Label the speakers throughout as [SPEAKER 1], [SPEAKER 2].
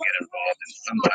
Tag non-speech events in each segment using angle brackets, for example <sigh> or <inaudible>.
[SPEAKER 1] get involved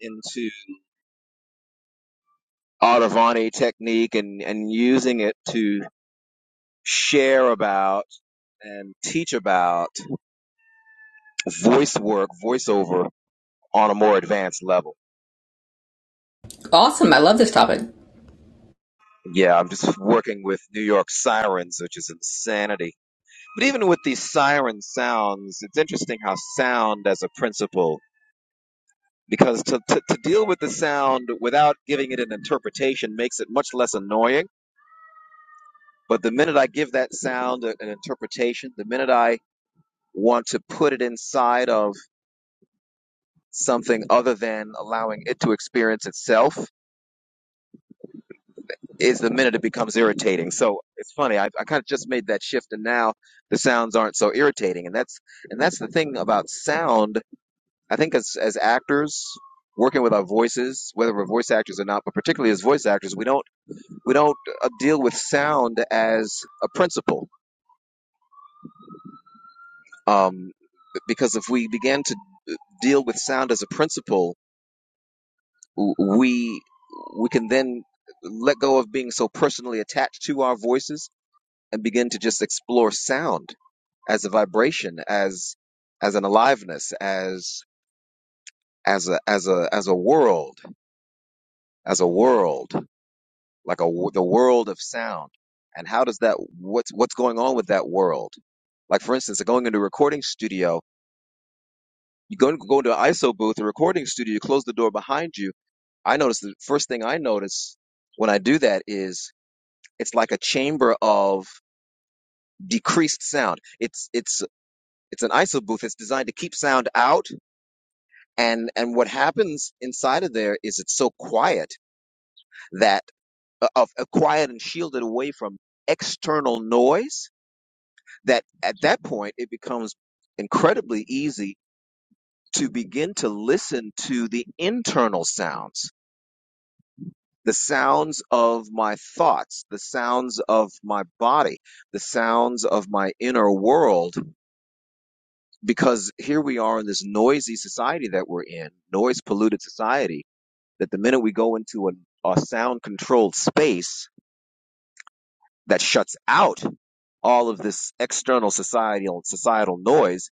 [SPEAKER 1] in some into Audavani technique and, and using it to share about and teach about voice work, voiceover on a more advanced level.
[SPEAKER 2] Awesome. I love this topic.
[SPEAKER 1] Yeah, I'm just working with New York sirens, which is insanity. But even with these siren sounds, it's interesting how sound as a principle, because to, to, to deal with the sound without giving it an interpretation makes it much less annoying. But the minute I give that sound an interpretation, the minute I want to put it inside of something other than allowing it to experience itself is the minute it becomes irritating. So it's funny. I, I kind of just made that shift and now the sounds aren't so irritating. And that's, and that's the thing about sound. I think as, as actors working with our voices, whether we're voice actors or not, but particularly as voice actors, we don't, we don't uh, deal with sound as a principle. Um, because if we begin to deal with sound as a principle, we we can then let go of being so personally attached to our voices and begin to just explore sound as a vibration as as an aliveness as as a as a as a world as a world like a wo- the world of sound and how does that what's what's going on with that world like for instance going into a recording studio you go go into an iso booth a recording studio you close the door behind you i notice the first thing i notice when i do that is It's like a chamber of decreased sound. It's it's it's an iso booth. It's designed to keep sound out, and and what happens inside of there is it's so quiet that uh, of uh, quiet and shielded away from external noise that at that point it becomes incredibly easy to begin to listen to the internal sounds the sounds of my thoughts the sounds of my body the sounds of my inner world because here we are in this noisy society that we're in, noise polluted society, that the minute we go into a, a sound controlled space that shuts out all of this external societal societal noise,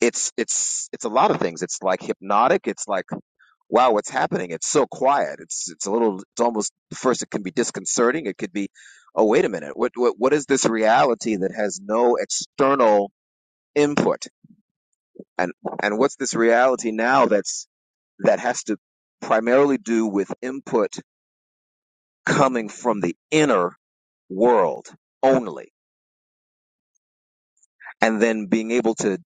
[SPEAKER 1] it's it's it's a lot of things. It's like hypnotic. It's like wow, what's happening? It's so quiet. It's it's a little. It's almost first. It can be disconcerting. It could be, oh wait a minute. What what what is this reality that has no external input? And and what's this reality now that's that has to primarily do with input coming from the inner world only, and then being able to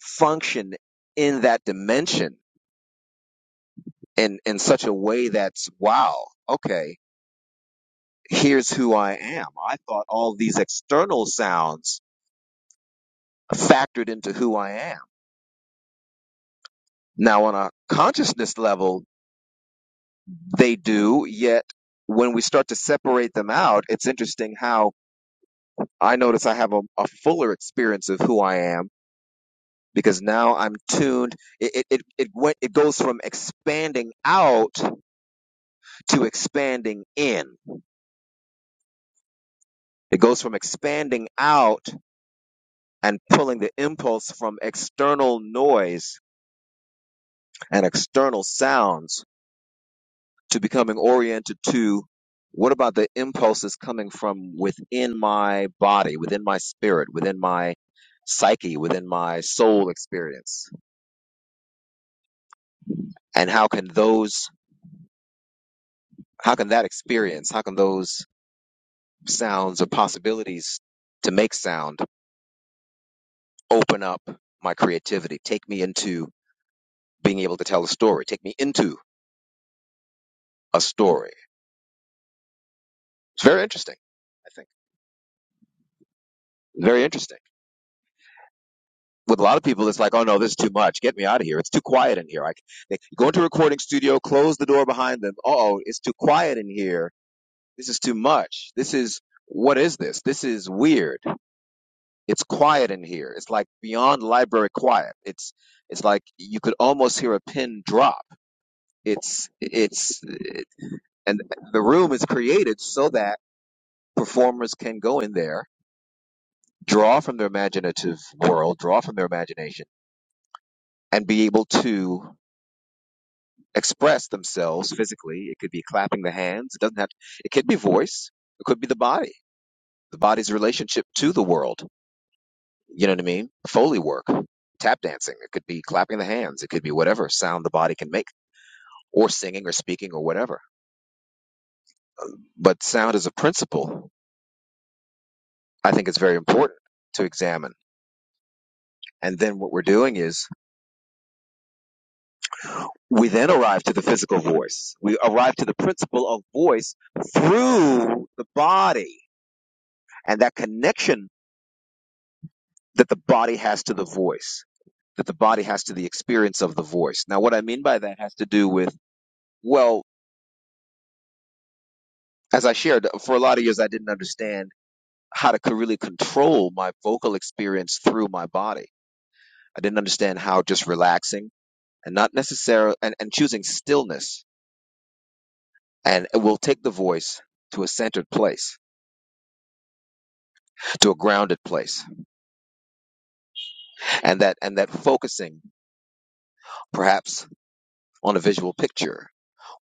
[SPEAKER 1] function in that dimension in, in such a way that's, wow, okay, here's who I am. I thought all these external sounds factored into who I am. Now, on a consciousness level, they do, yet when we start to separate them out, it's interesting how I notice I have a, a fuller experience of who I am because now I'm tuned. It it it it, went, it goes from expanding out to expanding in. It goes from expanding out and pulling the impulse from external noise and external sounds to becoming oriented to what about the impulses coming from within my body, within my spirit, within my psyche, within my soul experience, and how can those how can that experience? How can those? sounds or possibilities to make sound open up my creativity, take me into being able to tell a story, take me into a story. It's very interesting, I think. Very interesting. With a lot of people, it's like, oh no, this is too much. Get me out of here. It's too quiet in here. I, they go into a recording studio, close the door behind them. Oh, it's too quiet in here. This is too much. This is, what is this? This is weird. It's quiet in here. It's like beyond library quiet. It's, it's like you could almost hear a pin drop It's it's and the room is created so that performers can go in there, draw from their imaginative world, draw from their imagination, and be able to express themselves physically. It could be clapping the hands. It doesn't have. It could be voice. It could be the body. The body's relationship to the world. You know what I mean? Foley work, tap dancing. It could be clapping the hands. It could be whatever sound the body can make, or singing, or speaking, or whatever. But sound as a principle, I think, is very important to examine And then what we're doing is we then arrive to the physical voice. We arrive to the principle of voice through the body and that connection that the body has to the voice, that the body has to the experience of the voice. Now, what I mean by that has to do with, well, as I shared, for a lot of years, I didn't understand how to really control my vocal experience through my body. I didn't understand how just relaxing and not necessarily, and, and choosing stillness and it will take the voice to a centered place to a grounded place and that and that focusing perhaps on a visual picture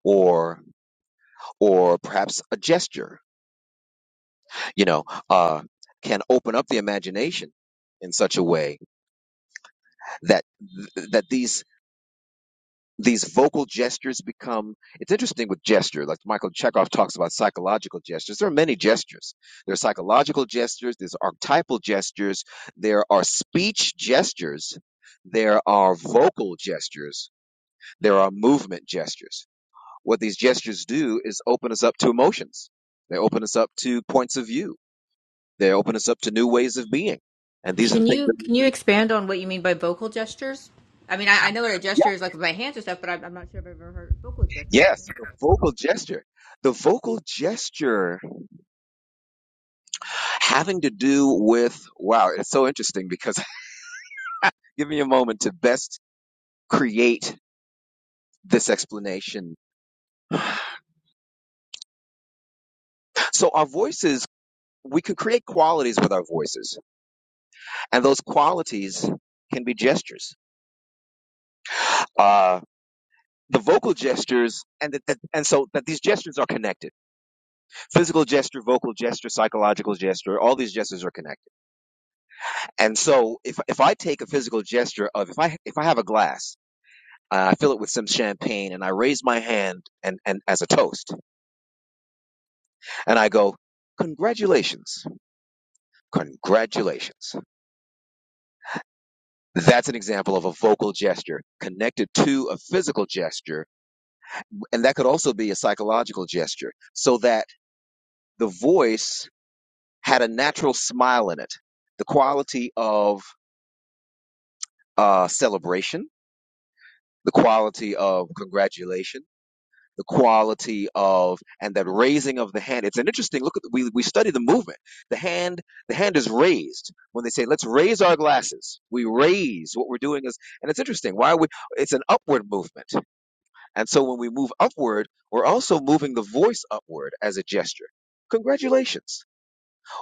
[SPEAKER 1] or or perhaps a gesture you know uh, can open up the imagination in such a way that that these these vocal gestures become it's interesting with gesture like michael chekhov talks about psychological gestures there are many gestures there are psychological gestures there's archetypal gestures there are speech gestures there are vocal gestures there are movement gestures what these gestures do is open us up to emotions. They open us up to points of view. They open us up to new ways of being. And these are the
[SPEAKER 2] Can
[SPEAKER 1] things that
[SPEAKER 2] you
[SPEAKER 1] we
[SPEAKER 2] can you
[SPEAKER 1] need.
[SPEAKER 2] expand on what you mean by vocal gestures? I mean, I, I know that a
[SPEAKER 1] Yeah.
[SPEAKER 2] gesture is like with my hands and stuff, but I'm, I'm not sure I've ever heard vocal gestures.
[SPEAKER 1] Yes, the vocal gesture. The vocal gesture having to do with, wow, it's so interesting because <laughs> give me a moment to best create this explanation. So our voices, we can create qualities with our voices, and those qualities can be gestures. Uh, the vocal gestures and the, the, and so that these gestures are connected physical gesture vocal gesture psychological gesture all these gestures are connected and so if if i take a physical gesture of if i if i have a glass uh, i fill it with some champagne and i raise my hand and and as a toast and i go congratulations congratulations that's an example of a vocal gesture connected to a physical gesture and that could also be a psychological gesture so that the voice had a natural smile in it. The quality of uh, celebration, the quality of congratulation, the quality of and that raising of the hand. It's an interesting look. At the, we we study the movement. The hand the hand is raised when they say let's raise our glasses. We raise what we're doing is and it's interesting. Why would it's an upward movement. And so when we move upward, we're also moving the voice upward as a gesture. Congratulations,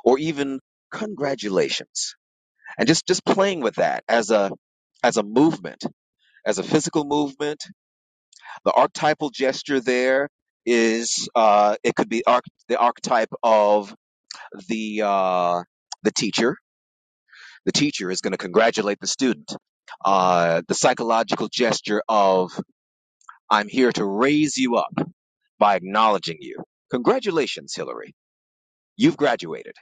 [SPEAKER 1] or even congratulations and just just playing with that as a as a movement as a physical movement the archetypal gesture there is uh it could be arch- the archetype of the uh the teacher the teacher is going to congratulate the student uh the psychological gesture of i'm here to raise you up by acknowledging you congratulations hillary you've graduated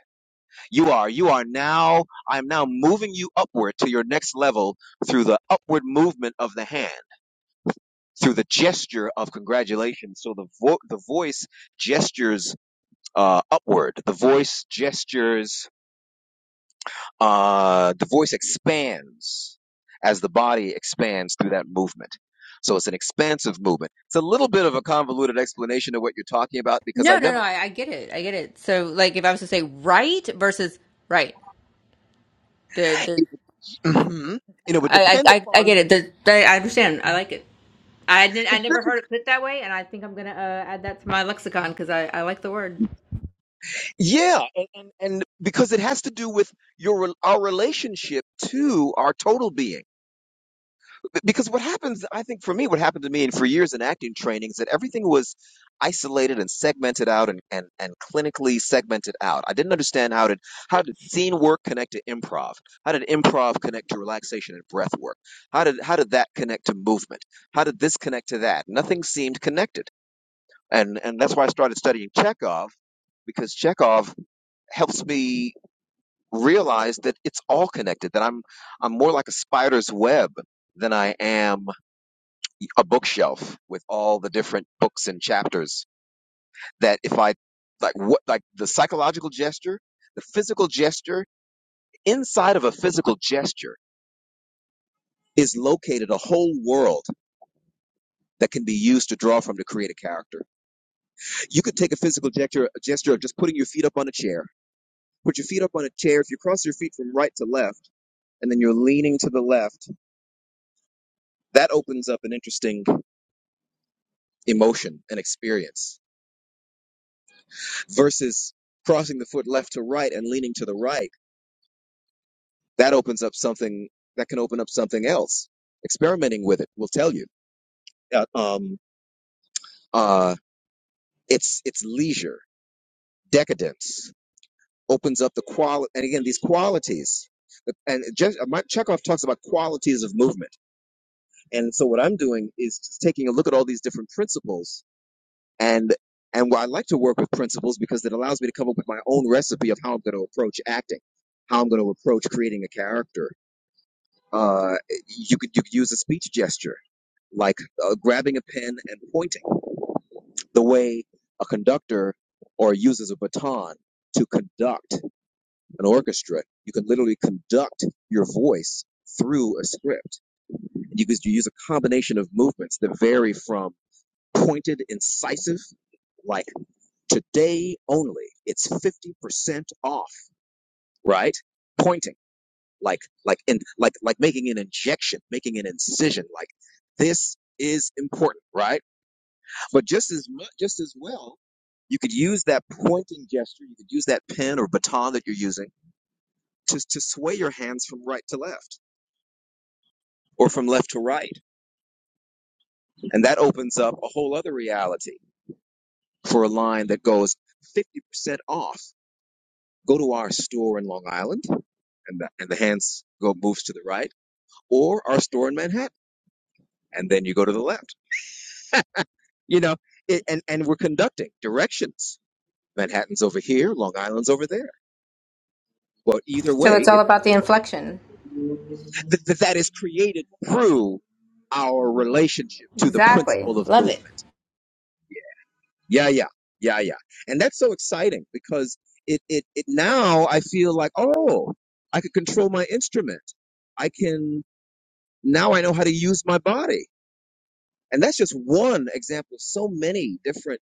[SPEAKER 1] you are you are now i'm now moving you upward to your next level through the upward movement of the hand through the gesture of congratulations. So the vo- the voice gestures uh, upward. The voice gestures. Uh, the voice expands as the body expands through that movement. So it's an expansive movement. It's a little bit of a convoluted explanation of what you're talking about because I
[SPEAKER 2] No, no,
[SPEAKER 1] never.
[SPEAKER 2] no. I, I get it. I get it. So, like, if I was to say right versus right, there,
[SPEAKER 1] <clears throat>
[SPEAKER 2] there.
[SPEAKER 1] you know, would
[SPEAKER 2] I,
[SPEAKER 1] depend
[SPEAKER 2] I, I I get
[SPEAKER 1] upon
[SPEAKER 2] it. There, there- I understand. I like it. I, did, I never heard it put that way, and I think I'm gonna uh, add that to my lexicon because I, I like the word.
[SPEAKER 1] yeah, and, and and because it has to do with your our relationship to our total being. because what happens i think for me what happened to me and for years in acting training is that everything was isolated and segmented out and, and, and clinically segmented out i didn't understand how did how did scene work connect to improv how did improv connect to relaxation and breath work how did how did that connect to movement how did this connect to that nothing seemed connected and and that's why i started studying chekhov because chekhov helps me realize that it's all connected that i'm i'm more like a spider's web than i am a bookshelf with all the different books and chapters that if I like what like the psychological gesture, the physical gesture, inside of a physical gesture is located a whole world that can be used to draw from to create a character. You could take a physical gesture, a gesture of just putting your feet up on a chair. Put your feet up on a chair. If you cross your feet from right to left and then you're leaning to the left, that opens up an interesting emotion and experience versus crossing the foot left to right and leaning to the right that opens up something that can open up something else. Experimenting with it will tell you. Uh, um, uh, it's it's leisure, decadence opens up the quality, and again these qualities. And Je- my, Chekhov talks about qualities of movement, and so what I'm doing is just taking a look at all these different principles, and and why I like to work with principles because it allows me to come up with my own recipe of how I'm going to approach acting, how I'm going to approach creating a character. Uh, you could you could use a speech gesture like uh, grabbing a pen and pointing, the way a conductor or uses a baton to conduct an orchestra. You can literally conduct your voice through a script. You can use a combination of movements that vary from pointed, incisive, like today only, it's 50% off, right? Pointing, like, like, in, like, like making an injection, making an incision, like this is important, right? But just as much, just as well, you could use that pointing gesture. You could use that pen or baton that you're using to to sway your hands from right to left or from left to right, and that opens up a whole other reality for a line that goes fifty percent off. Go to our store in Long Island, and the, and the hands go moves to the right, or our store in Manhattan, and then you go to the left. You know, it, and and we're conducting directions. Manhattan's over here, Long Island's over there. But either
[SPEAKER 2] So
[SPEAKER 1] way,
[SPEAKER 2] it's all about the inflection.
[SPEAKER 1] th- th- that is created through our relationship to the
[SPEAKER 2] Exactly.
[SPEAKER 1] principle of
[SPEAKER 2] Love it.
[SPEAKER 1] movement. Yeah, yeah, yeah, yeah. And that's so exciting because it, it, it now I feel like, oh, I could control my instrument. I can, now I know how to use my body. And that's just one example of so many different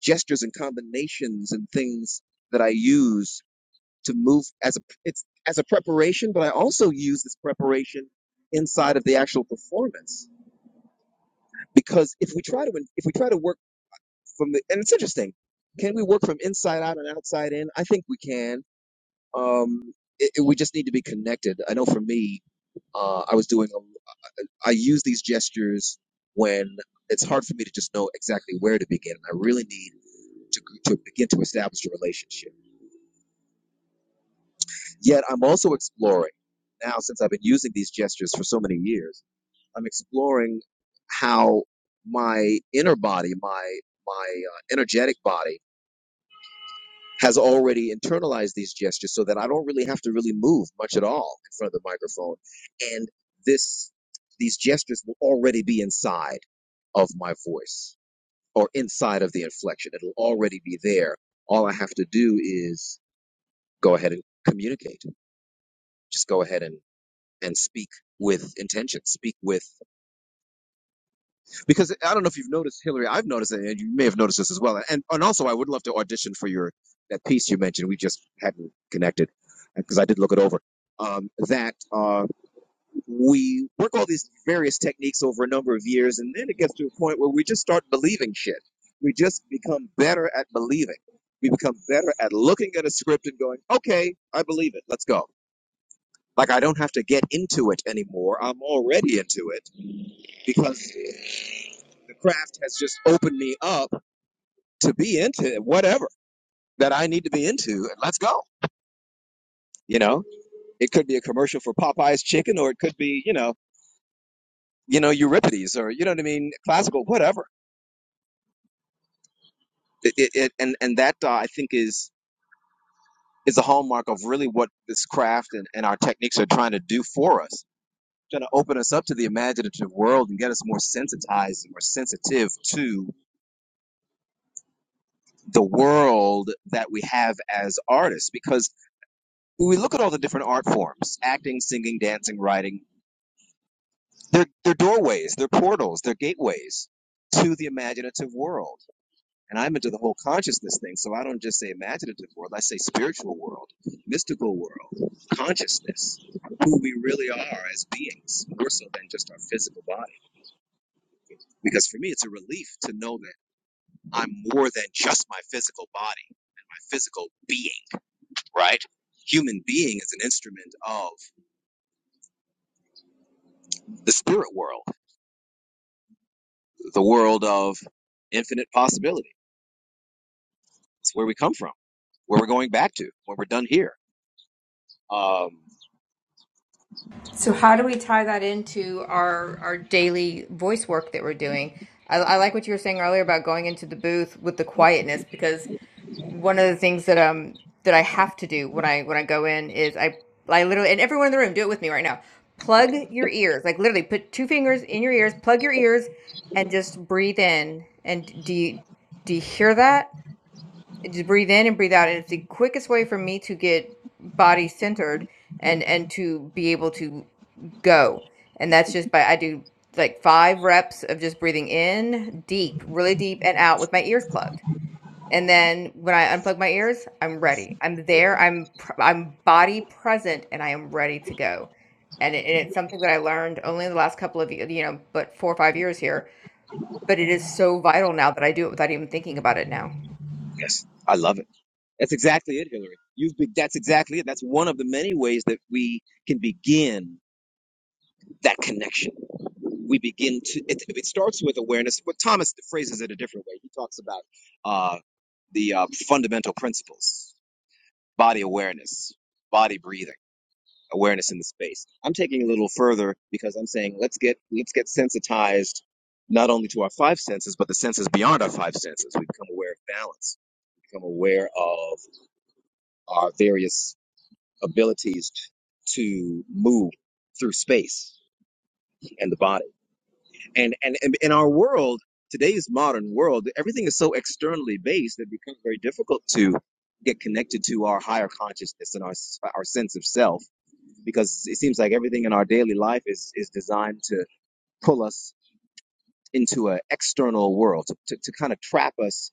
[SPEAKER 1] gestures and combinations and things that I use to move as a it's as a preparation, but I also use this preparation inside of the actual performance because if we try to if we try to work from the and it's interesting, can we work from inside out and outside in? I think we can. Um, it, it- we just need to be connected. I know for me, uh, I was doing a, I use these gestures when it's hard for me to just know exactly where to begin. I really need to to begin to establish a relationship Yet I'm also exploring now, since I've been using these gestures for so many years, I'm exploring how my inner body, my my uh, energetic body, has already internalized these gestures, so that I don't really have to really move much at all in front of the microphone, and this these gestures will already be inside of my voice or inside of the inflection. It'll already be there. All I have to do is go ahead and communicate. Just go ahead and. and speak with intention, speak with, because I don't know if you've noticed, Hillary, I've noticed it, and you may have noticed this as well. And, and also, I would love to audition for your, that piece you mentioned. We just hadn't connected because I did look it over. Um, that uh, we work all these various techniques over a number of years, and then it gets to a point where we just start believing shit. We just become better at believing. We become better at looking at a script and going, okay, I believe it, let's go. Like I don't have to get into it anymore. I'm already into it because the craft has just opened me up to be into whatever that I need to be into. And let's go. You know, it could be a commercial for Popeye's chicken, or it could be, you know, you know Euripides, or you know what I mean, classical, whatever. It, it, it and and that uh, I think is is a hallmark of really what this craft and, and our techniques are trying to do for us, trying to open us up to the imaginative world and get us more sensitized and more sensitive to the world that we have as artists. Because When we look at all the different art forms, acting, singing, dancing, writing, they're, they're doorways, they're portals, they're gateways to the imaginative world. And I'm into the whole consciousness thing, so I don't just say imaginative world, I say spiritual world, mystical world, consciousness, who we really are as beings, more so than just our physical body. Because for me, it's a relief to know that I'm more than just my physical body, my physical being, right? Human being is an instrument of the spirit world the world of infinite possibility. It's where we come from, where we're going back to when we're done here. Um,
[SPEAKER 2] So how do we tie that into our our daily voice work that we're doing? I, I like what you were saying earlier about going into the booth with the quietness because one of the things that um that I have to do when I when I go in is I I literally and everyone in the room do it with me right now. Plug your ears, like literally put two fingers in your ears, plug your ears, and just breathe in. And do you do you hear that? and just breathe in and breathe out and it's the quickest way for me to get body centered and and to be able to go and that's just by i do like five reps of just breathing in deep really deep and out with my ears plugged and then when i unplug my ears i'm ready i'm there i'm pr- i'm body present and i am ready to go and, it, and it's something that i learned only in the last couple of y- you know but four or five years here but it is so vital now that i do it without even thinking about it now
[SPEAKER 1] yes, I love it. That's exactly it, Hillary. You've be- that's exactly it. That's one of the many ways that we can begin that connection. We begin to it, it starts with awareness, but Thomas phrases it a different way. He talks about uh, the uh, fundamental principles: body awareness, body breathing awareness in the space. I'm taking it a little further because I'm saying let's get let's get sensitized not only to our five senses but the senses beyond our five senses. We become aware of balance. We become aware of our various abilities to move through space and the body. And and, and in our world, today's modern world, everything is so externally based that it becomes very difficult to get connected to our higher consciousness and our our sense of self because it seems like everything in our daily life is is designed to pull us into an external world to, to, to kind of trap us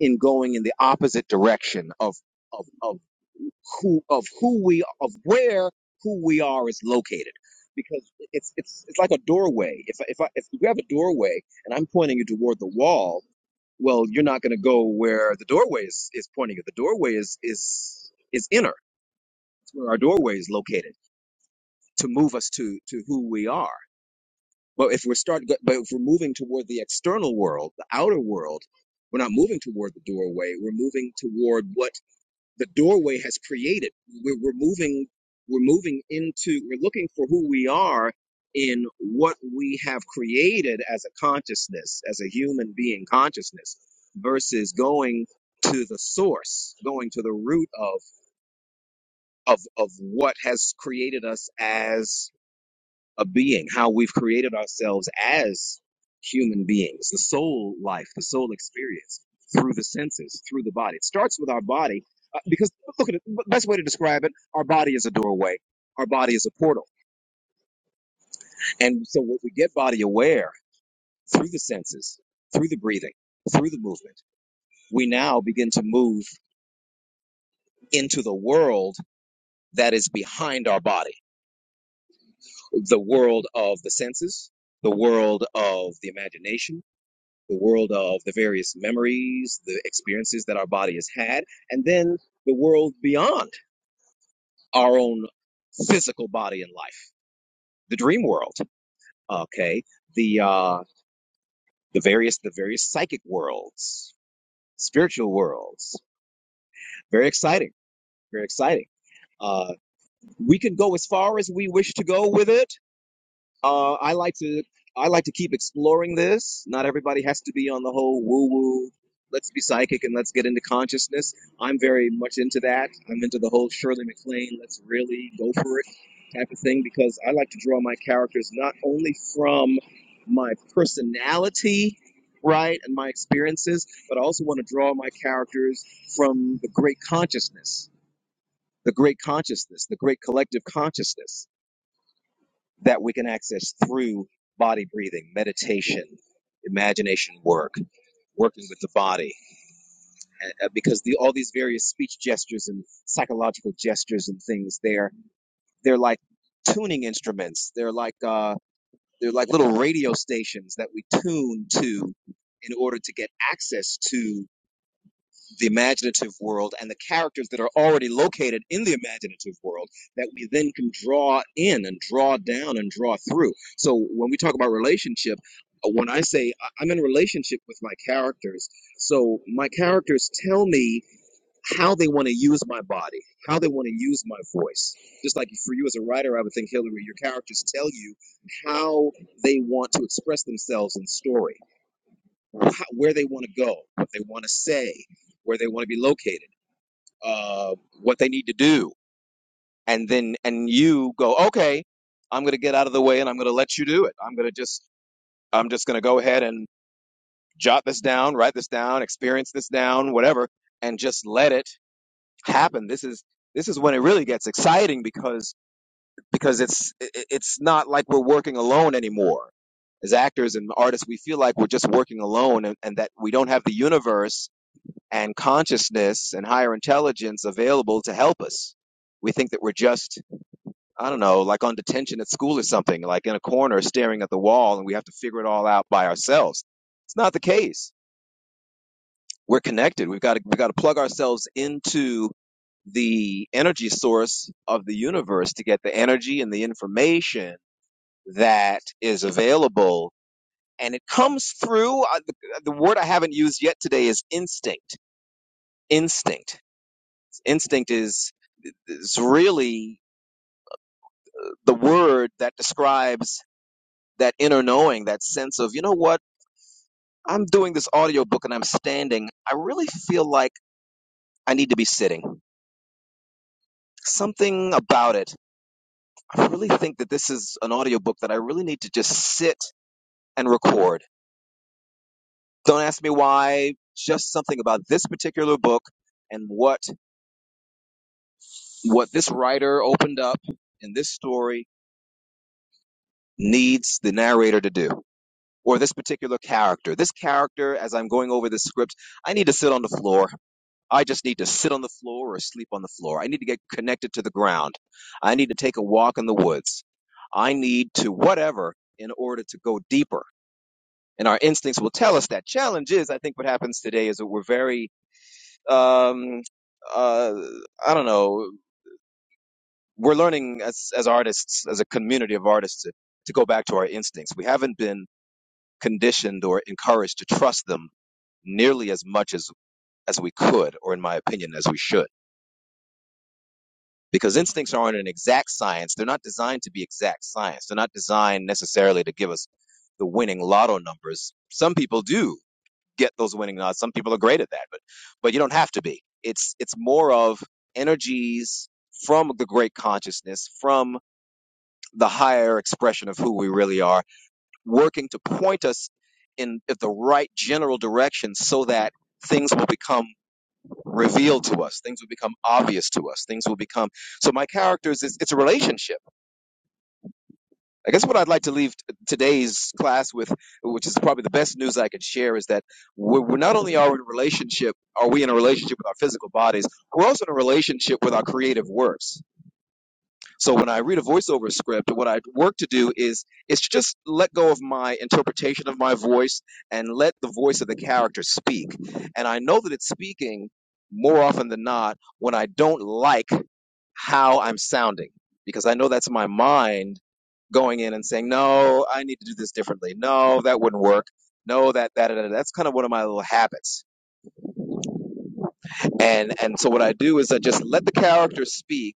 [SPEAKER 1] in going in the opposite direction of of of who of who we of where who we are is located because it's it's it's like a doorway if I- if I, if you have a doorway and I'm pointing you toward the wall well you're not going to go where the doorway is, is pointing you the doorway is is is inner it's where our doorway is located to move us to to who we are But if we're start, but if we're moving toward the external world, the outer world, we're not moving toward the doorway. We're moving toward what the doorway has created. We're, we're moving, we're moving into, we're looking for who we are in what we have created as a consciousness, as a human being consciousness, versus going to the source, going to the root of of of what has created us as a being, how we've created ourselves as human beings, the soul life, the soul experience through the senses, through the body. It starts with our body uh, because look at it, the best way to describe it, our body is a doorway, our body is a portal. And so when we get body aware through the senses, through the breathing, through the movement, we now begin to move into the world that is behind our body, the world of the senses, the world of the imagination the world of the various memories, the experiences that our body has had, and then the world beyond our own physical body and life, the dream world. Okay, the uh, the various the various psychic worlds, spiritual worlds. Very exciting. Very exciting. Uh, we can go as far as we wish to go with it Uh, I like to I like to keep exploring this. Not everybody has to be on the whole woo woo. Let's be psychic and let's get into consciousness. I'm very much into that. I'm into the whole Shirley MacLaine. Let's really go for it type of thing because I like to draw my characters not only from my personality, right, and my experiences, but I also want to draw my characters from the great consciousness, the great consciousness, the great collective consciousness that we can access through body breathing, meditation, imagination work, working with the body, Uh, uh, because the, all these various speech gestures and psychological gestures and things they're they're like tuning instruments. They're like uh, they're like little radio stations that we tune to in order to get access to the imaginative world and the characters that are already located in the imaginative world that we then can draw in and draw down and draw through. So when we talk about relationship, uh, when I say I- I'm in a relationship with my characters, so my characters tell me how they want to use my body, how they want to use my voice. Just like for you as a writer, I would think, Hillary, your characters tell you how they want to express themselves in story how, where they want to go, what they want to say, where they want to be located, uh, what they need to do, and then and you go, okay, I'm going to get out of the way and I'm going to let you do it. I'm going to just I'm just going to go ahead and jot this down, write this down, experience this down, whatever, and just let it happen. This is this is when it really gets exciting because because it's i- it's not like we're working alone anymore. As actors and artists, we feel like we're just working alone and, and that we don't have the universe and consciousness and higher intelligence available to help us. We think that we're just, I don't know, like on detention at school or something, like in a corner staring at the wall and we have to figure it all out by ourselves. It's not the case. We're connected. We've got to, we've got to plug ourselves into the energy source of the universe to get the energy and the information that is available. And it comes through uh, the, the word I haven't used yet today is instinct. Instinct. Instinct is It's really the word that describes that inner knowing, that sense of, you know what, I'm doing this audiobook and I'm standing. I really feel like I need to be sitting. Something about it. I really think that this is an audiobook that I really need to just sit and record. Don't ask me why, just something about this particular book and what what this writer opened up in this story needs the narrator to do. or this particular character. This character, as I'm going over this script, I need to sit on the floor. I just need to sit on the floor or sleep on the floor. I need to get connected to the ground. I need to take a walk in the woods. I need to whatever in order to go deeper. And our instincts will tell us that. Challenge is, I think, what happens today is that we're very, um, uh, I don't know, we're learning as, as artists, as a community of artists, to, to go back to our instincts. We haven't been conditioned or encouraged to trust them nearly as much as as we could or in my opinion as we should because instincts aren't an exact science they're not designed to be exact science they're not designed necessarily to give us the winning lotto numbers some people do get those winning odds some people are great at that but but you don't have to be it's it's more of energies from the great consciousness from the higher expression of who we really are working to point us in the right general direction so that things will become revealed to us things will become obvious to us things will become so my characters is it's a relationship i guess what i'd like to leave t- today's class with which is probably the best news i can share is that we're, we're not only are we in a relationship are we in a relationship with our physical bodies we're also in a relationship with our creative works So when I read a voiceover script, what I work to do is is to just let go of my interpretation of my voice and let the voice of the character speak. And I know that it's speaking more often than not when I don't like how I'm sounding because I know that's my mind going in and saying, "No, I need to do this differently. No, that wouldn't work. No, that that, that. that's kind of one of my little habits." And and so what I do is I just let the character speak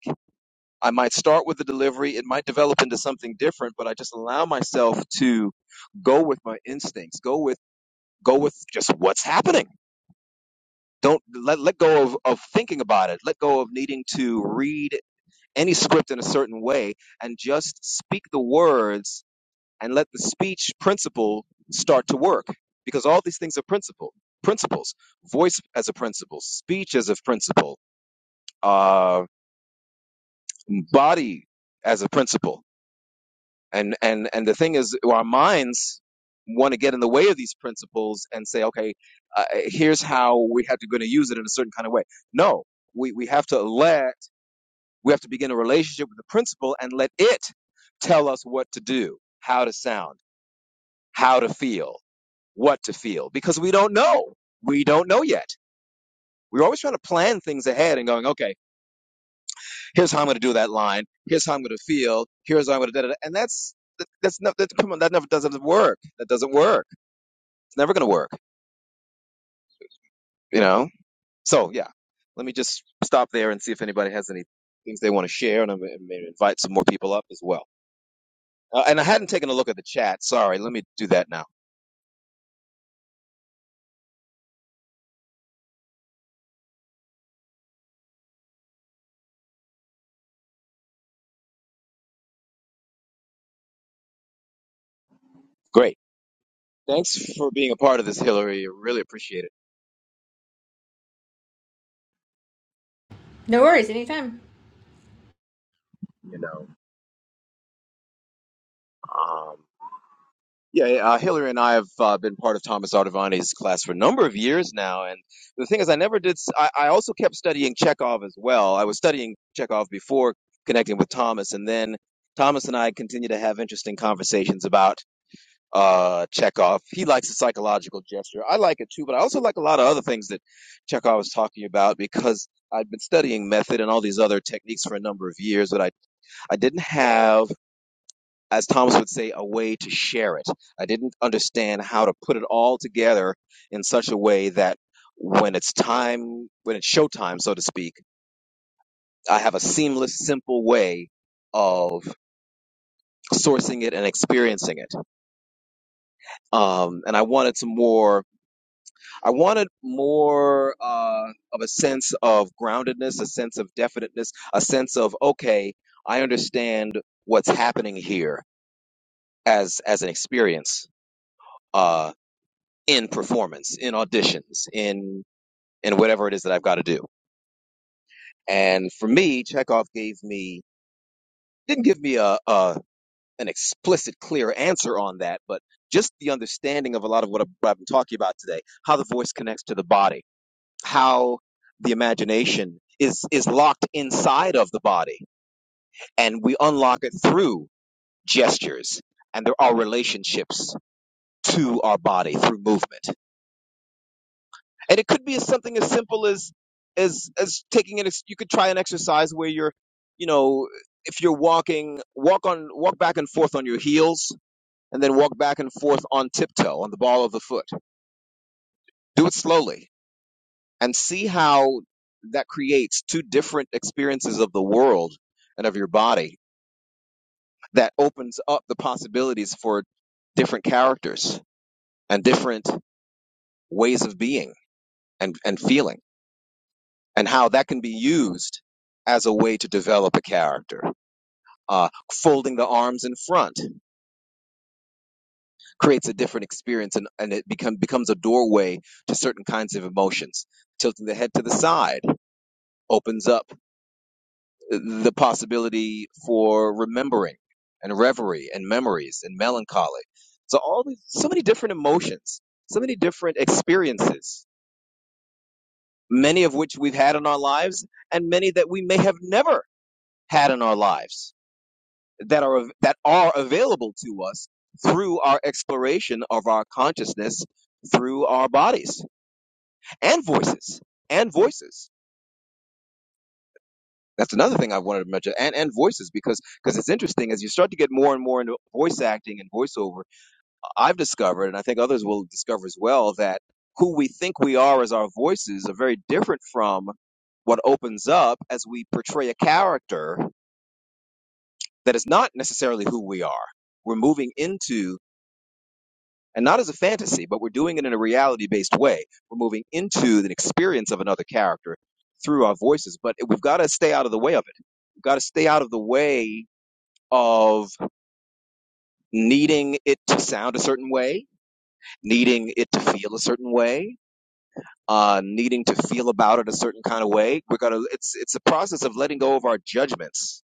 [SPEAKER 1] I might start with the delivery. It might develop into something different, but I just allow myself to go with my instincts, go with go with just what's happening. Don't let let go of, of thinking about it. Let go of needing to read any script in a certain way and just speak the words and let the speech principle start to work. Because all these things are principle principles. Voice as a principle, speech as a principle, uh, body as a principle and and and the thing is our minds want to get in the way of these principles and say okay uh, here's how we have to going to use it in a certain kind of way no we we have to let we have to begin a relationship with the principle and let it tell us what to do how to sound how to feel what to feel because we don't know we don't know yet we're always trying to plan things ahead and going okay Here's how I'm going to do that line. Here's how I'm going to feel. Here's how I'm going to da da da. And that's that's not that's come on, that never doesn't work. That doesn't work. It's never going to work. You know. So yeah, let me just stop there and see if anybody has any things they want to share, and I'm going to invite some more people up as well. Uh, and I hadn't taken a look at the chat. Sorry. Let me do that now. Great. Thanks for being a part of this, Hillary. I really appreciate it.
[SPEAKER 2] No worries, anytime.
[SPEAKER 1] You know. um, Yeah, yeah, uh, Hillary and I have uh, been part of Thomas Artavani's class for a number of years now. And the thing is, I never did, I I also kept studying Chekhov as well. I was studying Chekhov before connecting with Thomas. And then Thomas and I continue to have interesting conversations about uh, Chekhov. He likes the psychological gesture. I like it too, but I also like a lot of other things that Chekhov was talking about because I'd been studying method and all these other techniques for a number of years, but I, I didn't have as Thomas would say, a way to share it. I didn't understand how to put it all together in such a way that when it's time, when it's showtime, so to speak, I have a seamless, simple way of sourcing it and experiencing it. Um, and I wanted some more, I wanted more uh, of a sense of groundedness, a sense of definiteness, a sense of, okay, I understand what's happening here as, as an experience. Uh, in performance, in auditions, in in whatever it is that I've got to do. And for me, Chekhov gave me didn't give me a, a an explicit, clear answer on that, but just the understanding of a lot of what I've what I've been talking about today, how the voice connects to the body, how the imagination is is locked inside of the body, and we unlock it through gestures, and there are relationships to our body through movement. and it could be something as simple as as as taking an ex- you could try an exercise where you're you know if you're walking walk on walk back and forth on your heels and then walk back and forth on tiptoe on the ball of the foot do it slowly and see how that creates two different experiences of the world and of your body that opens up the possibilities for different characters and different ways of being and and feeling and how that can be used as a way to develop a character. Uh, folding the arms in front creates a different experience and, and it become, becomes a doorway to certain kinds of emotions. Tilting the head to the side opens up the possibility for remembering and reverie and memories and melancholy. So all these, so many different emotions, so many different experiences, many of which we've had in our lives and many that we may have never had in our lives that are that are available to us through our exploration of our consciousness through our bodies and voices and voices that's another thing i wanted to mention and and voices because because it's interesting as you start to get more and more into voice acting and voiceover i've discovered and i think others will discover as well that who we think we are as our voices are very different from what opens up as we portray a character that is not necessarily who we are we're moving into and not as a fantasy, but we're doing it in a reality based way. We're moving into the experience of another character through our voices, but we've got to stay out of the way of it. We've got to stay out of the way of needing it to sound a certain way, needing it to feel a certain way. Uh, needing to feel about it a certain kind of way, we're gonna. It's it's a process of letting go of our judgments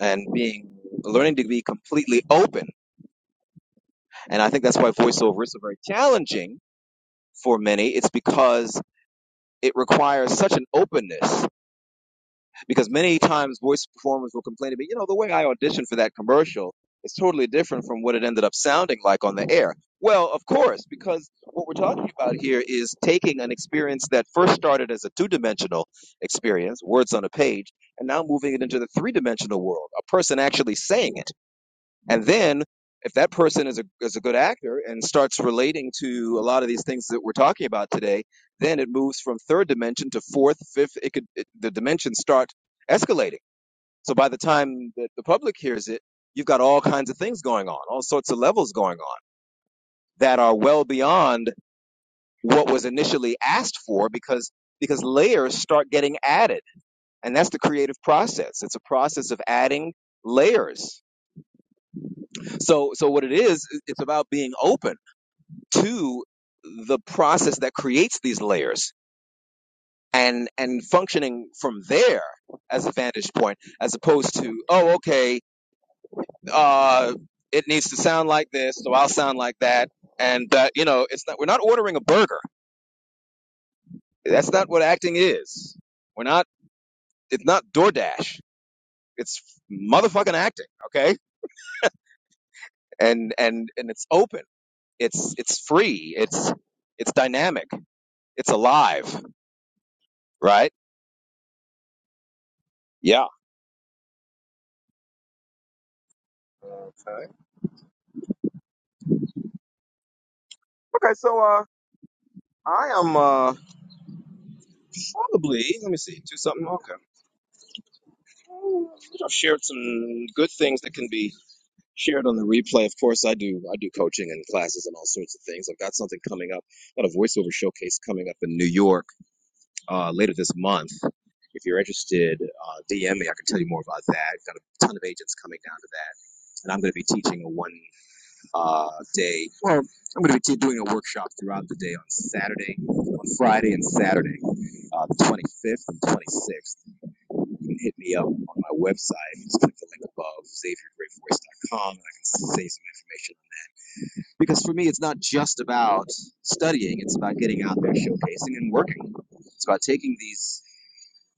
[SPEAKER 1] and being learning to be completely open. And I think that's why voiceover is so very challenging for many. It's because it requires such an openness because many times voice performers will complain to me, you know, the way I auditioned for that commercial is totally different from what it ended up sounding like on the air. Well, of course, because what we're talking about here is taking an experience that first started as a two dimensional experience, words on a page, and now moving it into the three dimensional world, a person actually saying it. And then if that person is a, is a good actor and starts relating to a lot of these things that we're talking about today, then it moves from third dimension to fourth, fifth. It could it, the dimensions start escalating. So by the time that the public hears it, you've got all kinds of things going on, all sorts of levels going on that are well beyond what was initially asked for because because layers start getting added. And that's the creative process. It's a process of adding layers. So so what it is, it's about being open to the process that creates these layers and and functioning from there as a vantage point as opposed to oh okay uh it needs to sound like this so i'll sound like that and that you know it's not we're not ordering a burger that's not what acting is we're not it's not DoorDash it's motherfucking acting okay and and and it's open it's it's free it's it's dynamic it's alive right yeah Okay, so uh, I am uh, probably, let me see, do something. Okay. Mm, I've shared some good things that can be shared on the replay. Of course, I do. I do coaching and classes and all sorts of things. I've got something coming up, got a voiceover showcase coming up in New York uh, later this month. If you're interested, uh, DM me. I can tell you more about that. Got a ton of agents coming down to that, and I'm going to be teaching a one uh, day. Well, I'm going to be t- doing a workshop throughout the day on Saturday, on Friday and Saturday, uh, the 25th and 26th. You can hit me up on my website. Just click the link above, xaviergreatvoice.com, and I can save some information. Because for me, it's not just about studying, it's about getting out there, showcasing, and working. It's about taking these,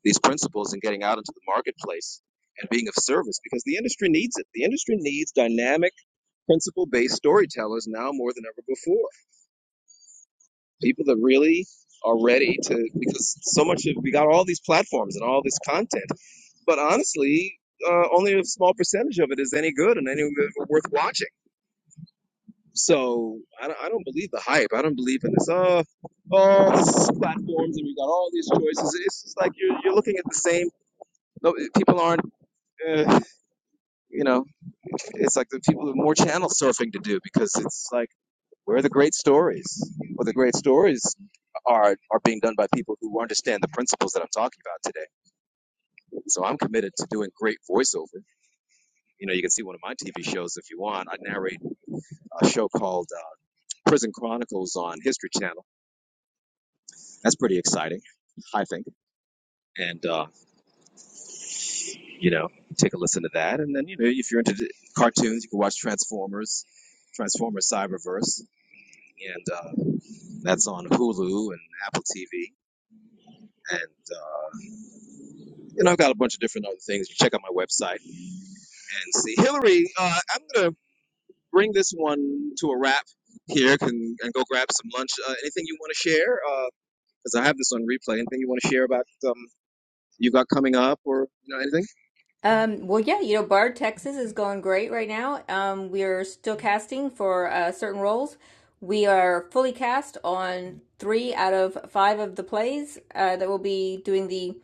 [SPEAKER 1] these principles and getting out into the marketplace and being of service because the industry needs it. The industry needs dynamic, principle based storytellers now more than ever before. People that really are ready to, because so much of, we got all these platforms and all this content But honestly, uh, only a small percentage of it is any good and any of it worth watching. So I don't, I don't believe the hype. I don't believe in this. Oh, all these platforms and we got all these choices. It's just like you're, you're looking at the same. No, people aren't. Uh, you know, it's like the people have more channel surfing to do because it's like where are the great stories? Well, the great stories are are being done by people who understand the principles that I'm talking about today. So I'm committed to doing great voiceover. you know, you can see one of my TV shows if you want. I narrate a show called uh, Prison Chronicles on History Channel. That's pretty exciting, I think. And, uh, you know, take a listen to that. And then, you know, if you're into the cartoons, you can watch Transformers, Transformers Cyberverse. And uh, that's on Hulu and Apple TV. And, uh, you know, I've got a bunch of different other things. You check out my website and see. Hillary, uh, I'm going to bring this one to a wrap here can, and go grab some lunch. Uh, anything you want to share? Uh, because I have this on replay. Anything you want to share about um, you got coming up or you know anything?
[SPEAKER 2] Um, well, yeah, you know, Bard, Texas is going great right now. Um, we are still casting for uh, certain roles. We are fully cast on three out of five of the plays uh, that will be doing the.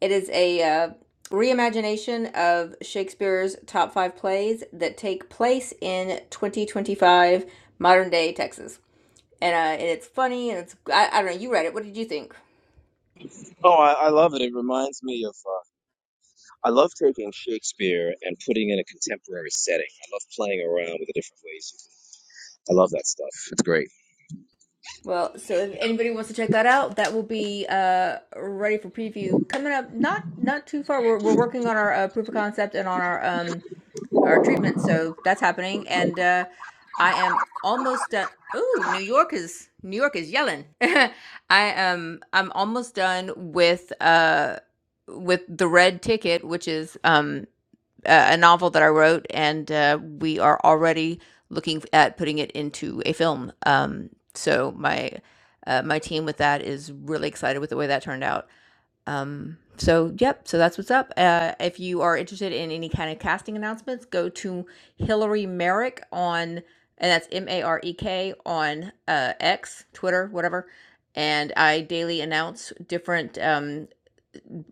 [SPEAKER 2] It is a uh, reimagination of Shakespeare's top five plays that take place in 2025 modern day Texas. And, uh, and it's funny and it's, I, I don't know, you read it. What did you think?
[SPEAKER 1] Oh, I, I love it. It reminds me of. Uh, I love taking Shakespeare and putting in a contemporary setting. I love playing around with the different ways. You can, I love that stuff. It's great.
[SPEAKER 2] Well, so if
[SPEAKER 1] You know,
[SPEAKER 2] anybody wants to check that out, that will be uh, ready for preview coming up. Not not too far. We're we're working on our uh, proof of concept and on our um our treatment, so that's happening. And uh, I am almost done. Ooh, New York is New York is yelling. <laughs> I am I'm almost done with uh with the red ticket, which is um uh, a novel that I wrote, and uh, we are already looking at putting it into a film. Um, so my uh, my team with that is really excited with the way that turned out. Um, so yep, so that's what's up. Uh, if you are interested in any kind of casting announcements, go to Hillary Merrick on and that's M A R E K on uh, X, Twitter, whatever. And I daily announce different. Um,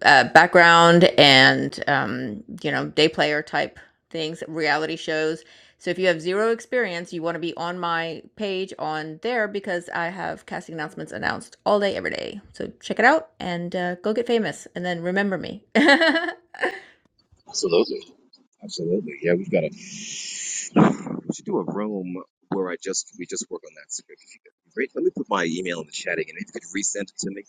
[SPEAKER 2] uh, background and um, you know day player type things reality shows so if you have zero experience you want to be on my page on there because i have casting announcements announced all day every day so check it out and uh, go get famous and then remember me <laughs>
[SPEAKER 1] absolutely, absolutely. Yeah, we've got to. We should do a room where I just we just work on that script. If you could, great. Let me put my email in the chat again. If you could resend it to me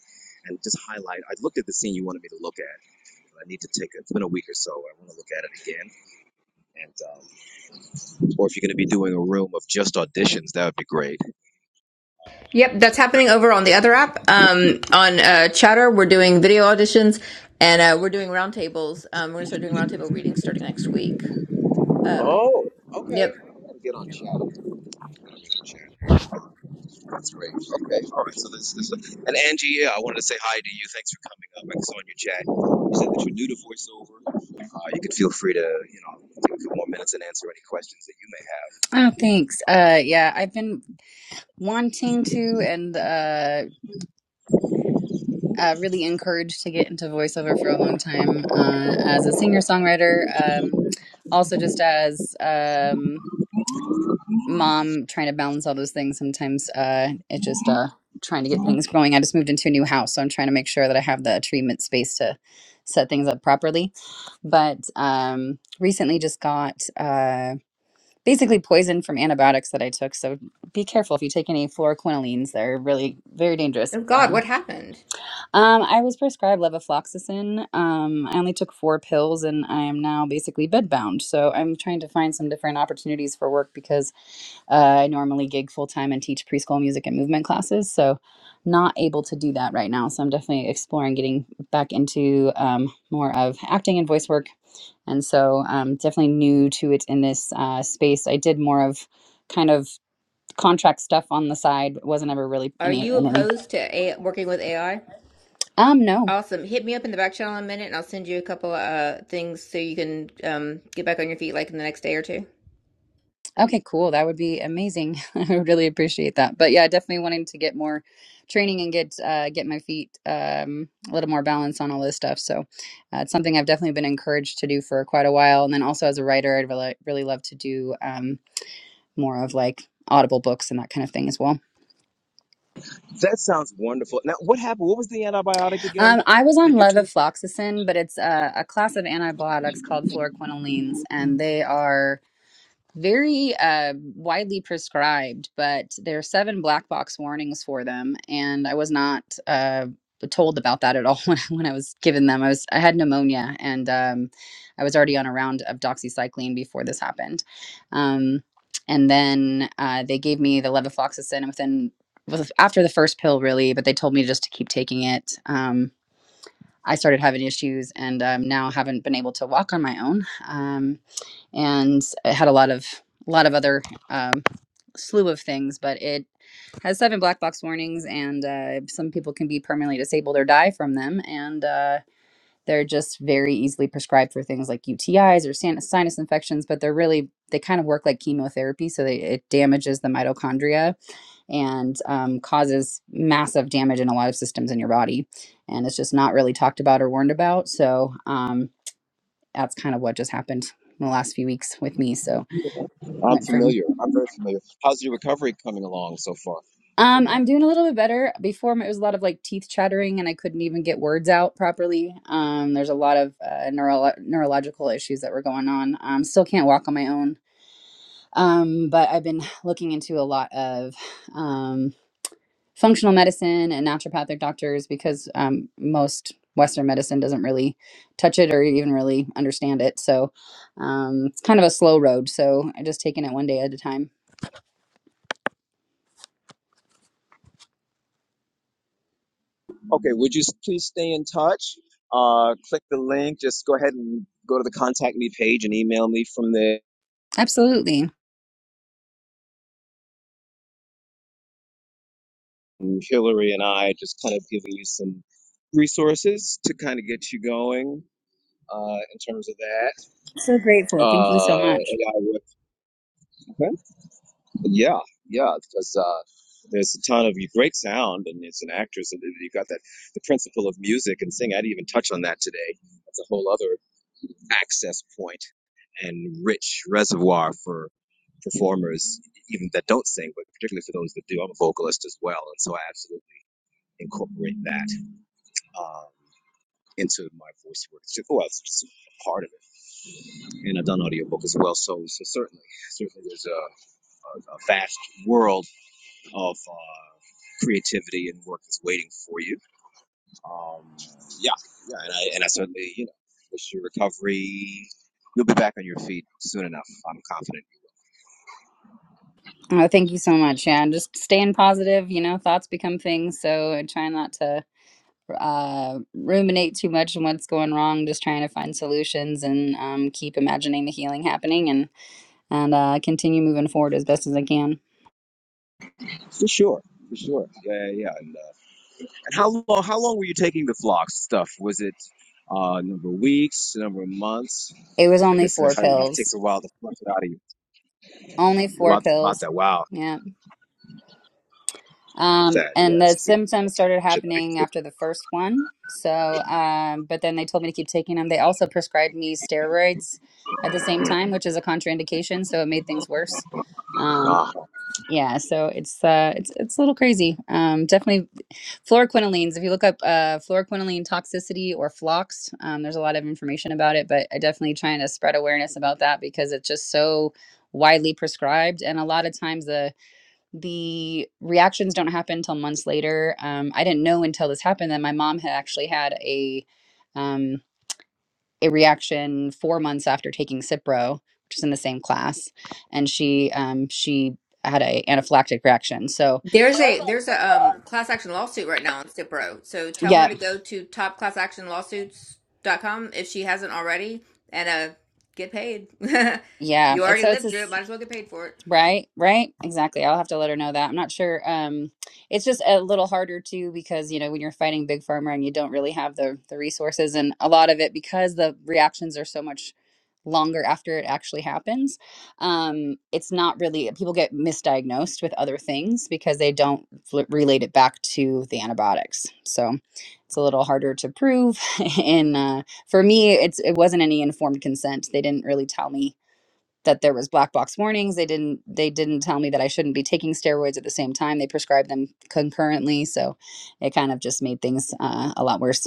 [SPEAKER 1] and just highlight. I looked at the scene you wanted me to look at. I need to take. It's been a week or so. I want to look at it again and um, or if you're going to be doing a room of just auditions, that would be great.
[SPEAKER 2] Yep, that's happening over on the other app. Um, on uh, Chatter, we're doing video auditions and uh, we're doing roundtables. Um, we're gonna start doing roundtable readings starting next week. Um,
[SPEAKER 1] Oh,
[SPEAKER 2] yep.
[SPEAKER 1] okay. I'm gonna Get on channel. Gotta get on channel. That's great. Okay. All right. So this this and Angie, yeah, I wanted to say hi to you. Thanks for coming up. I saw in your chat you said that you're new to voiceover. Uh, you can feel free to you know take a couple more minutes and answer any questions that you may
[SPEAKER 3] Oh, thanks. Uh, yeah, I've been wanting to and uh, uh, really encouraged to get into voiceover for a long time uh, as a singer songwriter. Um, also, just as um, mom trying to balance all those things, sometimes uh, it just uh, trying to get things growing. I just moved into a new house, so I'm trying to make sure that I have the treatment space to set things up properly. But um, recently, just got. Uh, basically poison from antibiotics that I took. So be careful if you take any fluoroquinolines; they're really very dangerous.
[SPEAKER 2] Oh God,
[SPEAKER 3] Um,
[SPEAKER 2] what happened?
[SPEAKER 3] um, I was prescribed levofloxacin. Um, I only took four pills, and I am now basically bedbound. So I'm trying to find some different opportunities for work because uh, I normally gig full time and teach preschool music and movement classes, so not able to do that right now. So I'm definitely exploring getting back into um, more of acting and voice work. And so um, definitely new to it in this uh, space. I did more of kind of contract stuff on the side. wasn't ever really
[SPEAKER 2] Are
[SPEAKER 3] any
[SPEAKER 2] you
[SPEAKER 3] in any.
[SPEAKER 2] opposed to A- working with AI?
[SPEAKER 3] Um, no,
[SPEAKER 2] Awesome. Hit me up in the back channel in a minute, and I'll send you a couple uh things so you can um get back on your feet like in the next day or two.
[SPEAKER 3] Okay, cool. That would be amazing. <laughs> I would really appreciate that. But yeah, definitely wanting to get more training and get uh, get my feet um, a little more balance on all this stuff. So uh, it's something I've definitely been encouraged to do for quite a while. And then also as a writer, I'd really really love to do um, more of like audible books and that kind of thing as well.
[SPEAKER 1] have. Uh, That sounds wonderful. Now, what happened? What was the antibiotic again?
[SPEAKER 3] Um, I was on
[SPEAKER 1] Did you took?
[SPEAKER 3] levofloxacin, but it's a, a class of antibiotics called fluoroquinolines, and they are very uh, widely prescribed, but there are seven black box warnings for them, and I was not uh, told about that at all <laughs> when I, when I was given them. I was I had pneumonia, and um, I was already on a round of doxycycline before this happened, um, and then uh, they gave me the levofloxacin and within was after the first pill really, but they told me just to keep taking it. Um, I started having issues and um, now haven't been able to walk on my own. Um, and it had a lot of a lot of other um, slew of things, but it has seven black box warnings, and uh, some people can be permanently disabled or die from them, and uh, they're just very easily prescribed for things like UTIs or sin- sinus infections. But they're really they kind of work like chemotherapy, so they, it damages the mitochondria and um, causes massive damage in a lot of systems in your body, and it's just not really talked about or warned about. So. Um, that's kind of what just happened in the last few weeks with me. So
[SPEAKER 1] I'm
[SPEAKER 3] went from
[SPEAKER 1] familiar. I'm very familiar. How's your recovery coming along so far?
[SPEAKER 3] um I'm doing a little bit better. Before it was a lot of like teeth chattering and I couldn't even get words out properly. Um there's a lot of uh, neuro- neurological issues that were going on. Um still can't walk on my own. Um but I've been looking into a lot of um functional medicine and naturopathic doctors because um, most Western medicine doesn't really touch it or even really understand it. So um, it's kind of a slow road. So I just taking it one day at a time.
[SPEAKER 1] Okay, would you s- please stay in touch? Uh, click the link. Just go ahead and go to the contact me page and email me from there.
[SPEAKER 3] Absolutely.
[SPEAKER 1] And Hillary and I are just kind of giving you some resources to kind of get you going uh, in terms of that.
[SPEAKER 3] So grateful. Thank you so
[SPEAKER 1] Uh,
[SPEAKER 3] much.
[SPEAKER 1] and I would, okay. yeah, yeah, because uh, there's a ton of you great sound, and it's an actress, and you've got that the principle of music and sing. I didn't even touch on that today. That's a whole other. access point and rich reservoir for performers, even that don't sing, but particularly for those that do. I'm a vocalist as well, and so I absolutely incorporate that um, into my voice work. It's just, well, it's just a part of it, and I've done audiobook as well. So, so certainly, certainly, there's a, a, a vast world of uh, creativity and work that's waiting for you. Um, yeah, yeah, and I, and I certainly, you know, wish you recovery. You'll be back on your feet soon enough. I'm confident.
[SPEAKER 3] Oh, thank you so much. Yeah, and just staying positive. You know, thoughts become things. So I try not to uh, ruminate too much on what's going wrong. Just trying to find solutions and um, keep imagining the healing happening and and uh, continue moving forward as best as I can.
[SPEAKER 1] For sure, for sure. Yeah, yeah. yeah. And, uh, and how long? How long were you taking the flock stuff? Was it uh, a number of weeks, a number of months?
[SPEAKER 3] It was
[SPEAKER 1] I
[SPEAKER 3] only
[SPEAKER 1] guess it,
[SPEAKER 3] four
[SPEAKER 1] how, it takes
[SPEAKER 3] pills.
[SPEAKER 1] a while to flush it out of you.
[SPEAKER 3] Only four
[SPEAKER 1] About, about
[SPEAKER 3] pills.
[SPEAKER 1] that. Wow.
[SPEAKER 3] Yeah.
[SPEAKER 1] About
[SPEAKER 3] Um,
[SPEAKER 1] that. Yeah.
[SPEAKER 3] and
[SPEAKER 1] It's
[SPEAKER 3] the
[SPEAKER 1] just,
[SPEAKER 3] symptoms started
[SPEAKER 1] shit out of
[SPEAKER 3] happening
[SPEAKER 1] you.
[SPEAKER 3] after the first one. So, um, but then they told me to keep taking them. They also prescribed me steroids at the same time, which is a contraindication. So it made things worse. Um,
[SPEAKER 1] Ah,
[SPEAKER 3] yeah. So it's uh, it's it's a little crazy. Um, definitely Fluoroquinolines, if you look up uh, fluoroquinoline toxicity or FLOX, um, there's a lot of information about it, but I definitely trying to spread awareness about that because it's just so widely prescribed and a lot of times the the reactions don't happen until months later um, i didn't know until this happened that my mom had actually had a um, a reaction four months after taking cipro which is in the same class and she um, she had a anaphylactic reaction so
[SPEAKER 2] There's a there's a um class action lawsuit right now on Cipro. So tell her
[SPEAKER 3] yeah
[SPEAKER 2] to go to top class action lawsuits dot com if she hasn't already and uh get paid. <laughs>
[SPEAKER 3] yeah
[SPEAKER 2] you
[SPEAKER 3] it's
[SPEAKER 2] already
[SPEAKER 3] so it's
[SPEAKER 2] lived through it,
[SPEAKER 3] this.
[SPEAKER 2] might as well get paid for it.
[SPEAKER 3] Right, right. Exactly. I'll have to let her know that. I'm not sure. Um, it's just a little harder too because, you know, when you're fighting big pharma and you don't really have the the resources and a lot of it because the reactions are so much longer after it actually happens. Um, it's not really people get misdiagnosed with other things because they don't fl- relate it back to the antibiotics. So, it's a little harder to prove <laughs> and uh, for me it's it wasn't any informed consent. They didn't really tell me that there was black box warnings they didn't they didn't tell me that i shouldn't be taking steroids at the same time they prescribed them concurrently so it kind of just made things uh, a lot worse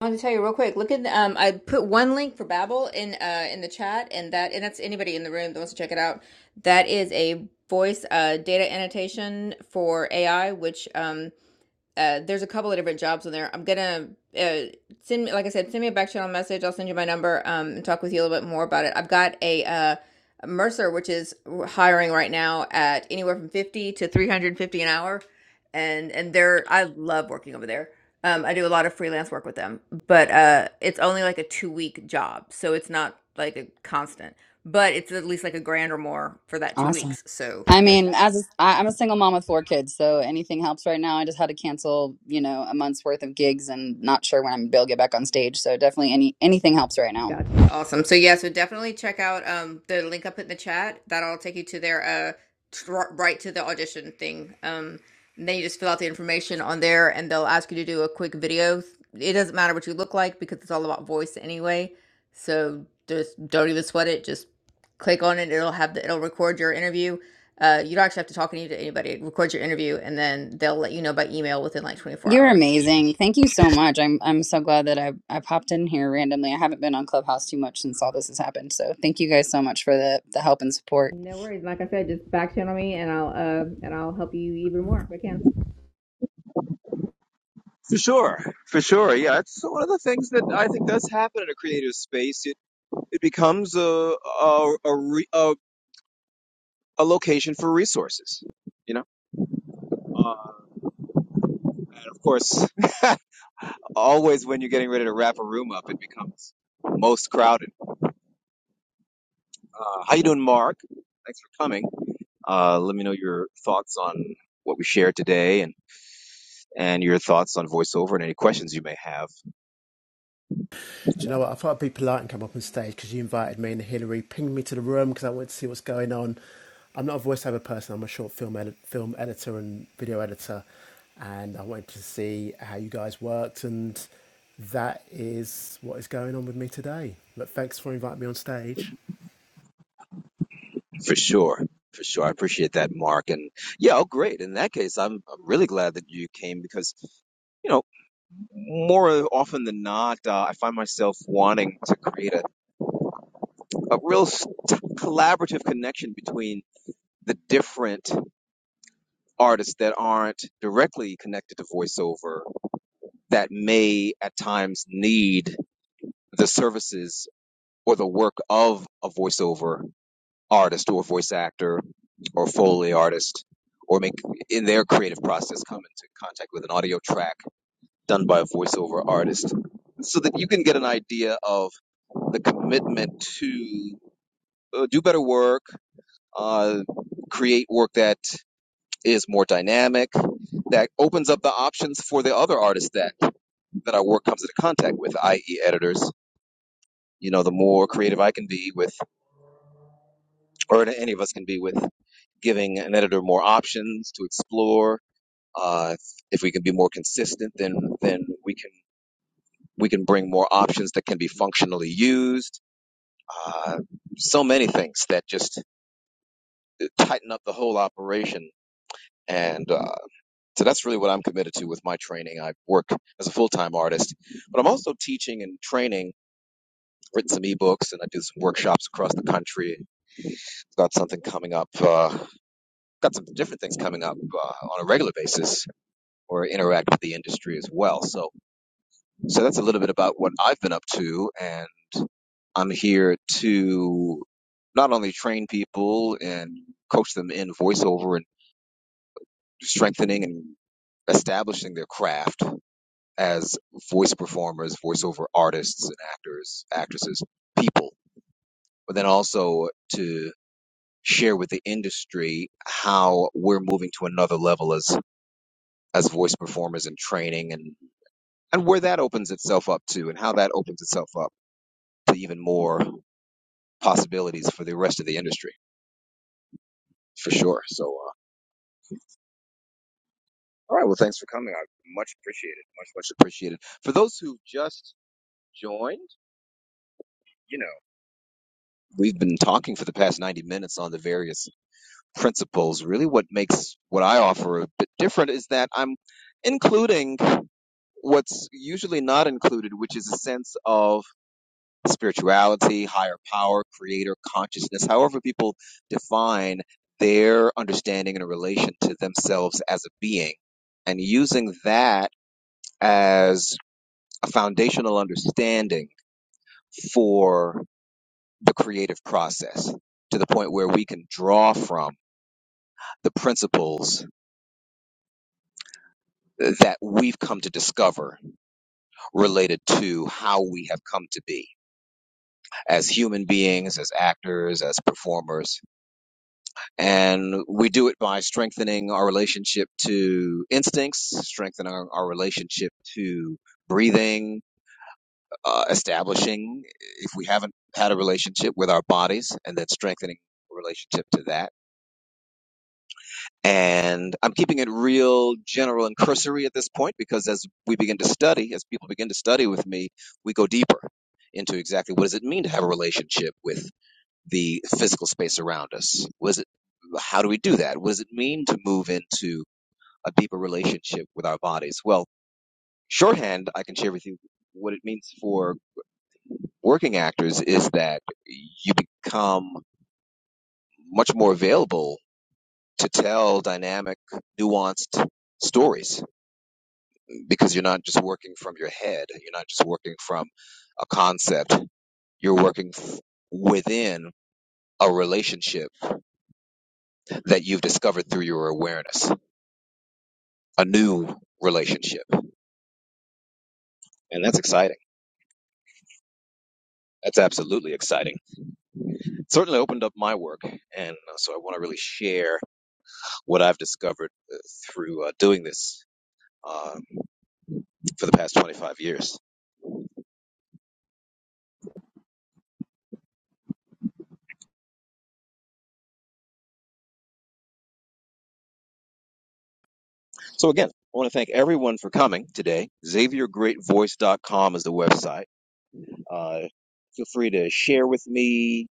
[SPEAKER 2] I wanted to tell you real quick. Look at um, I put one link for Babbel in uh in the chat, and that and that's anybody in the room that wants to check it out. That is a voice uh data annotation for AI, which um uh, there's a couple of different jobs in there. I'm gonna uh, send me, like I said, send me a back channel message. I'll send you my number um, and talk with you a little bit more about it. I've got a uh, Mercer, which is hiring right now at anywhere from 50 to 350 an hour, and and they're I love working over there. Um, I do a lot of freelance work with them, but uh, it's only like a two week job, so it's not like a constant. But it's at least like a grand or more for that two
[SPEAKER 3] awesome
[SPEAKER 2] weeks. So
[SPEAKER 3] i
[SPEAKER 2] there's that.
[SPEAKER 3] mean as a, I- i'm a single mom with four kids so anything helps right now i just had to cancel you know a month's worth of gigs and not sure when i'm gonna be able to get back on stage so definitely any anything helps right now
[SPEAKER 2] Awesome. So yeah, so definitely check out um the link I put in the chat. That'll take you to their uh right to the audition thing. Um and then you just fill out the information on there and they'll ask you to do a quick video. It doesn't matter what you look like because it's all about voice anyway. So just don't even sweat it. Just click on it. It'll have the it'll record your interview. Uh you don't actually have to talk to anybody. It records your interview and then they'll let you know by email within like 24
[SPEAKER 3] you're
[SPEAKER 2] hours.
[SPEAKER 3] amazing thank you so much i'm i'm so glad that i i popped in here randomly i haven't been on clubhouse too much since all this has happened so thank you guys so much for the the help and support
[SPEAKER 2] No worries. Like I said, just back channel me and I'll uh and I'll help you even more if I can.
[SPEAKER 1] for sure, for sure. Yeah, it's one of the things that I think does happen in a creative space. It it becomes a a, a, re, a a location for resources, you know? Uh, and of course, <laughs> always when you're getting ready to wrap a room up, it becomes most crowded. Uh, how you doing, Mark? Thanks for coming. Uh, let me know your thoughts on what we shared today and, and your thoughts on voiceover and any questions you may have
[SPEAKER 4] Do you know what? I thought I'd be polite and come up on stage because you invited me and Hilary pinged me to the room because I wanted to see what's going on. I'm not a voiceover person. I'm a short film edit, film editor and video editor, and I wanted to see how you guys worked, and that is what is going on with me today. But thanks for inviting me on stage.
[SPEAKER 1] for sure. For sure. I appreciate that, Mark. And yeah, oh, great. In that case, I'm, I'm really glad that you came because you know, more often than not, uh, I find myself wanting to create a a real collaborative connection between the different artists that aren't directly connected to voiceover that may at times need the services or the work of a voiceover artist or voice actor or foley artist or make in their creative process come into contact with an audio track done by a voiceover artist so that you can get an idea of the commitment to uh, do better work uh, create work that is more dynamic, that opens up the options for the other artists that that our work comes into contact with, i.e., editors. You know, the more creative I can be with, or any of us can be with, giving an editor more options to explore. Uh, if we can be more consistent, then then we can we can bring more options that can be functionally used. Uh, so many things that just tighten up the whole operation. And uh, So that's really what I'm committed to with my training. I work as a full time artist, but I'm also teaching and training. I've Written some ebooks and I do some workshops across the country. Got something coming up. Uh, got some different things coming up uh, on a regular basis, or interact with the industry as well. So, so that's a little bit about what I've been up to, and I'm here to not only train people and coach them in voiceover and strengthening and establishing their craft as voice performers, voiceover artists, and actors, actresses, people, but then also to share with the industry how we're moving to another level as as voice performers and training and and where that opens itself up to and how that opens itself up to even more possibilities for the rest of the industry for sure so uh, all right well thanks for coming i much appreciated much much appreciated for those who just joined you know we've been talking for the past 90 minutes on the various principles. Really, what makes what I offer a bit different is that I'm including what's usually not included, which is a sense of spirituality, higher power, creator, consciousness, however people define their understanding in relation to themselves as a being, and using that as a foundational understanding for the creative process to the point where we can draw from the principles that we've come to discover related to how we have come to be as human beings, as actors, as performers. And we do it by strengthening our relationship to instincts, strengthening our, our relationship to breathing, uh, establishing if we haven't had a relationship with our bodies, and then strengthening relationship to that And I'm keeping it real general and cursory at this point because as we begin to study, as people begin to study with me, we go deeper into exactly what does it mean to have a relationship with the physical space around us? What is it, how do we do that? What does it mean to move into a deeper relationship with our bodies? Well, shorthand, I can share with you what it means for working actors is that you become much more available to tell dynamic, nuanced stories because you're not just working from your head. You're not just working from a concept. You're working f- within a relationship that you've discovered through your awareness, a new relationship. And that's exciting. That's absolutely exciting. It certainly opened up my work. And uh, so I want to really share what I've discovered uh, through uh, doing this um, for the past 25 years. So again, I want to thank everyone for coming today. XavierGreatVoice.com is the website. Uh, feel free to share with me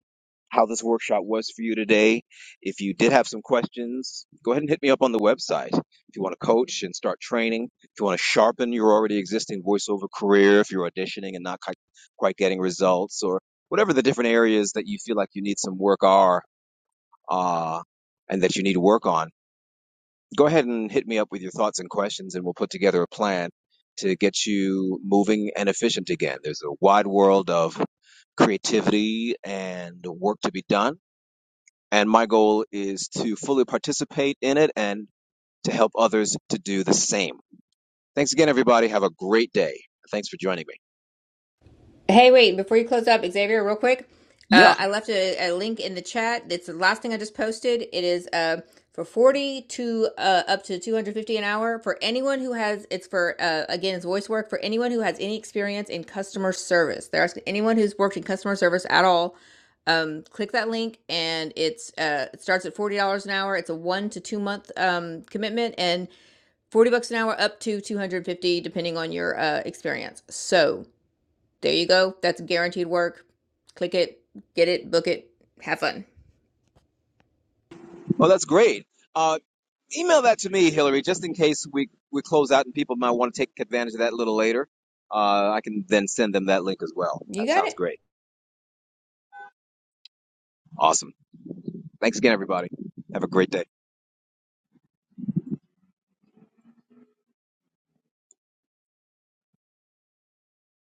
[SPEAKER 1] how this workshop was for you today. If you did have some questions, go ahead and hit me up on the website. If you want to coach and start training, if you want to sharpen your already existing voiceover career, if you're auditioning and not quite quite getting results, or whatever the different areas that you feel like you need some work are uh, and that you need to work on go ahead and hit me up with your thoughts and questions, and we'll put together a plan to get you moving and efficient again. There's a wide world of creativity and work to be done, and my goal is to fully participate in it and to help others to do the same. Thanks again, everybody. Have a great day. Thanks for joining me.
[SPEAKER 2] Hey, wait, before you close up, Xavier, real quick,
[SPEAKER 1] Yeah.
[SPEAKER 2] uh, I left a, a link in the chat. It's the last thing I just posted. It is uh, for 40 to uh, up to 250 an hour for anyone who has, it's for, uh, again, it's voice work for anyone who has any experience in customer service. They're asking anyone who's worked in customer service at all. Um, click that link and it's uh, it starts at $40 an hour. It's a one to two month um, commitment and 40 bucks an hour up to 250 depending on your uh, experience. So, there you go. That's guaranteed work. Click it, get it, book it, have fun.
[SPEAKER 1] Well, that's great. Uh, email that to me, Hillary, just in case we, we close out and people might want to take advantage of that a little later. Uh, I can then send them that link as well.
[SPEAKER 2] You
[SPEAKER 1] That
[SPEAKER 2] got
[SPEAKER 1] sounds
[SPEAKER 2] it.
[SPEAKER 1] great. Awesome. Thanks again, everybody. Have a great day.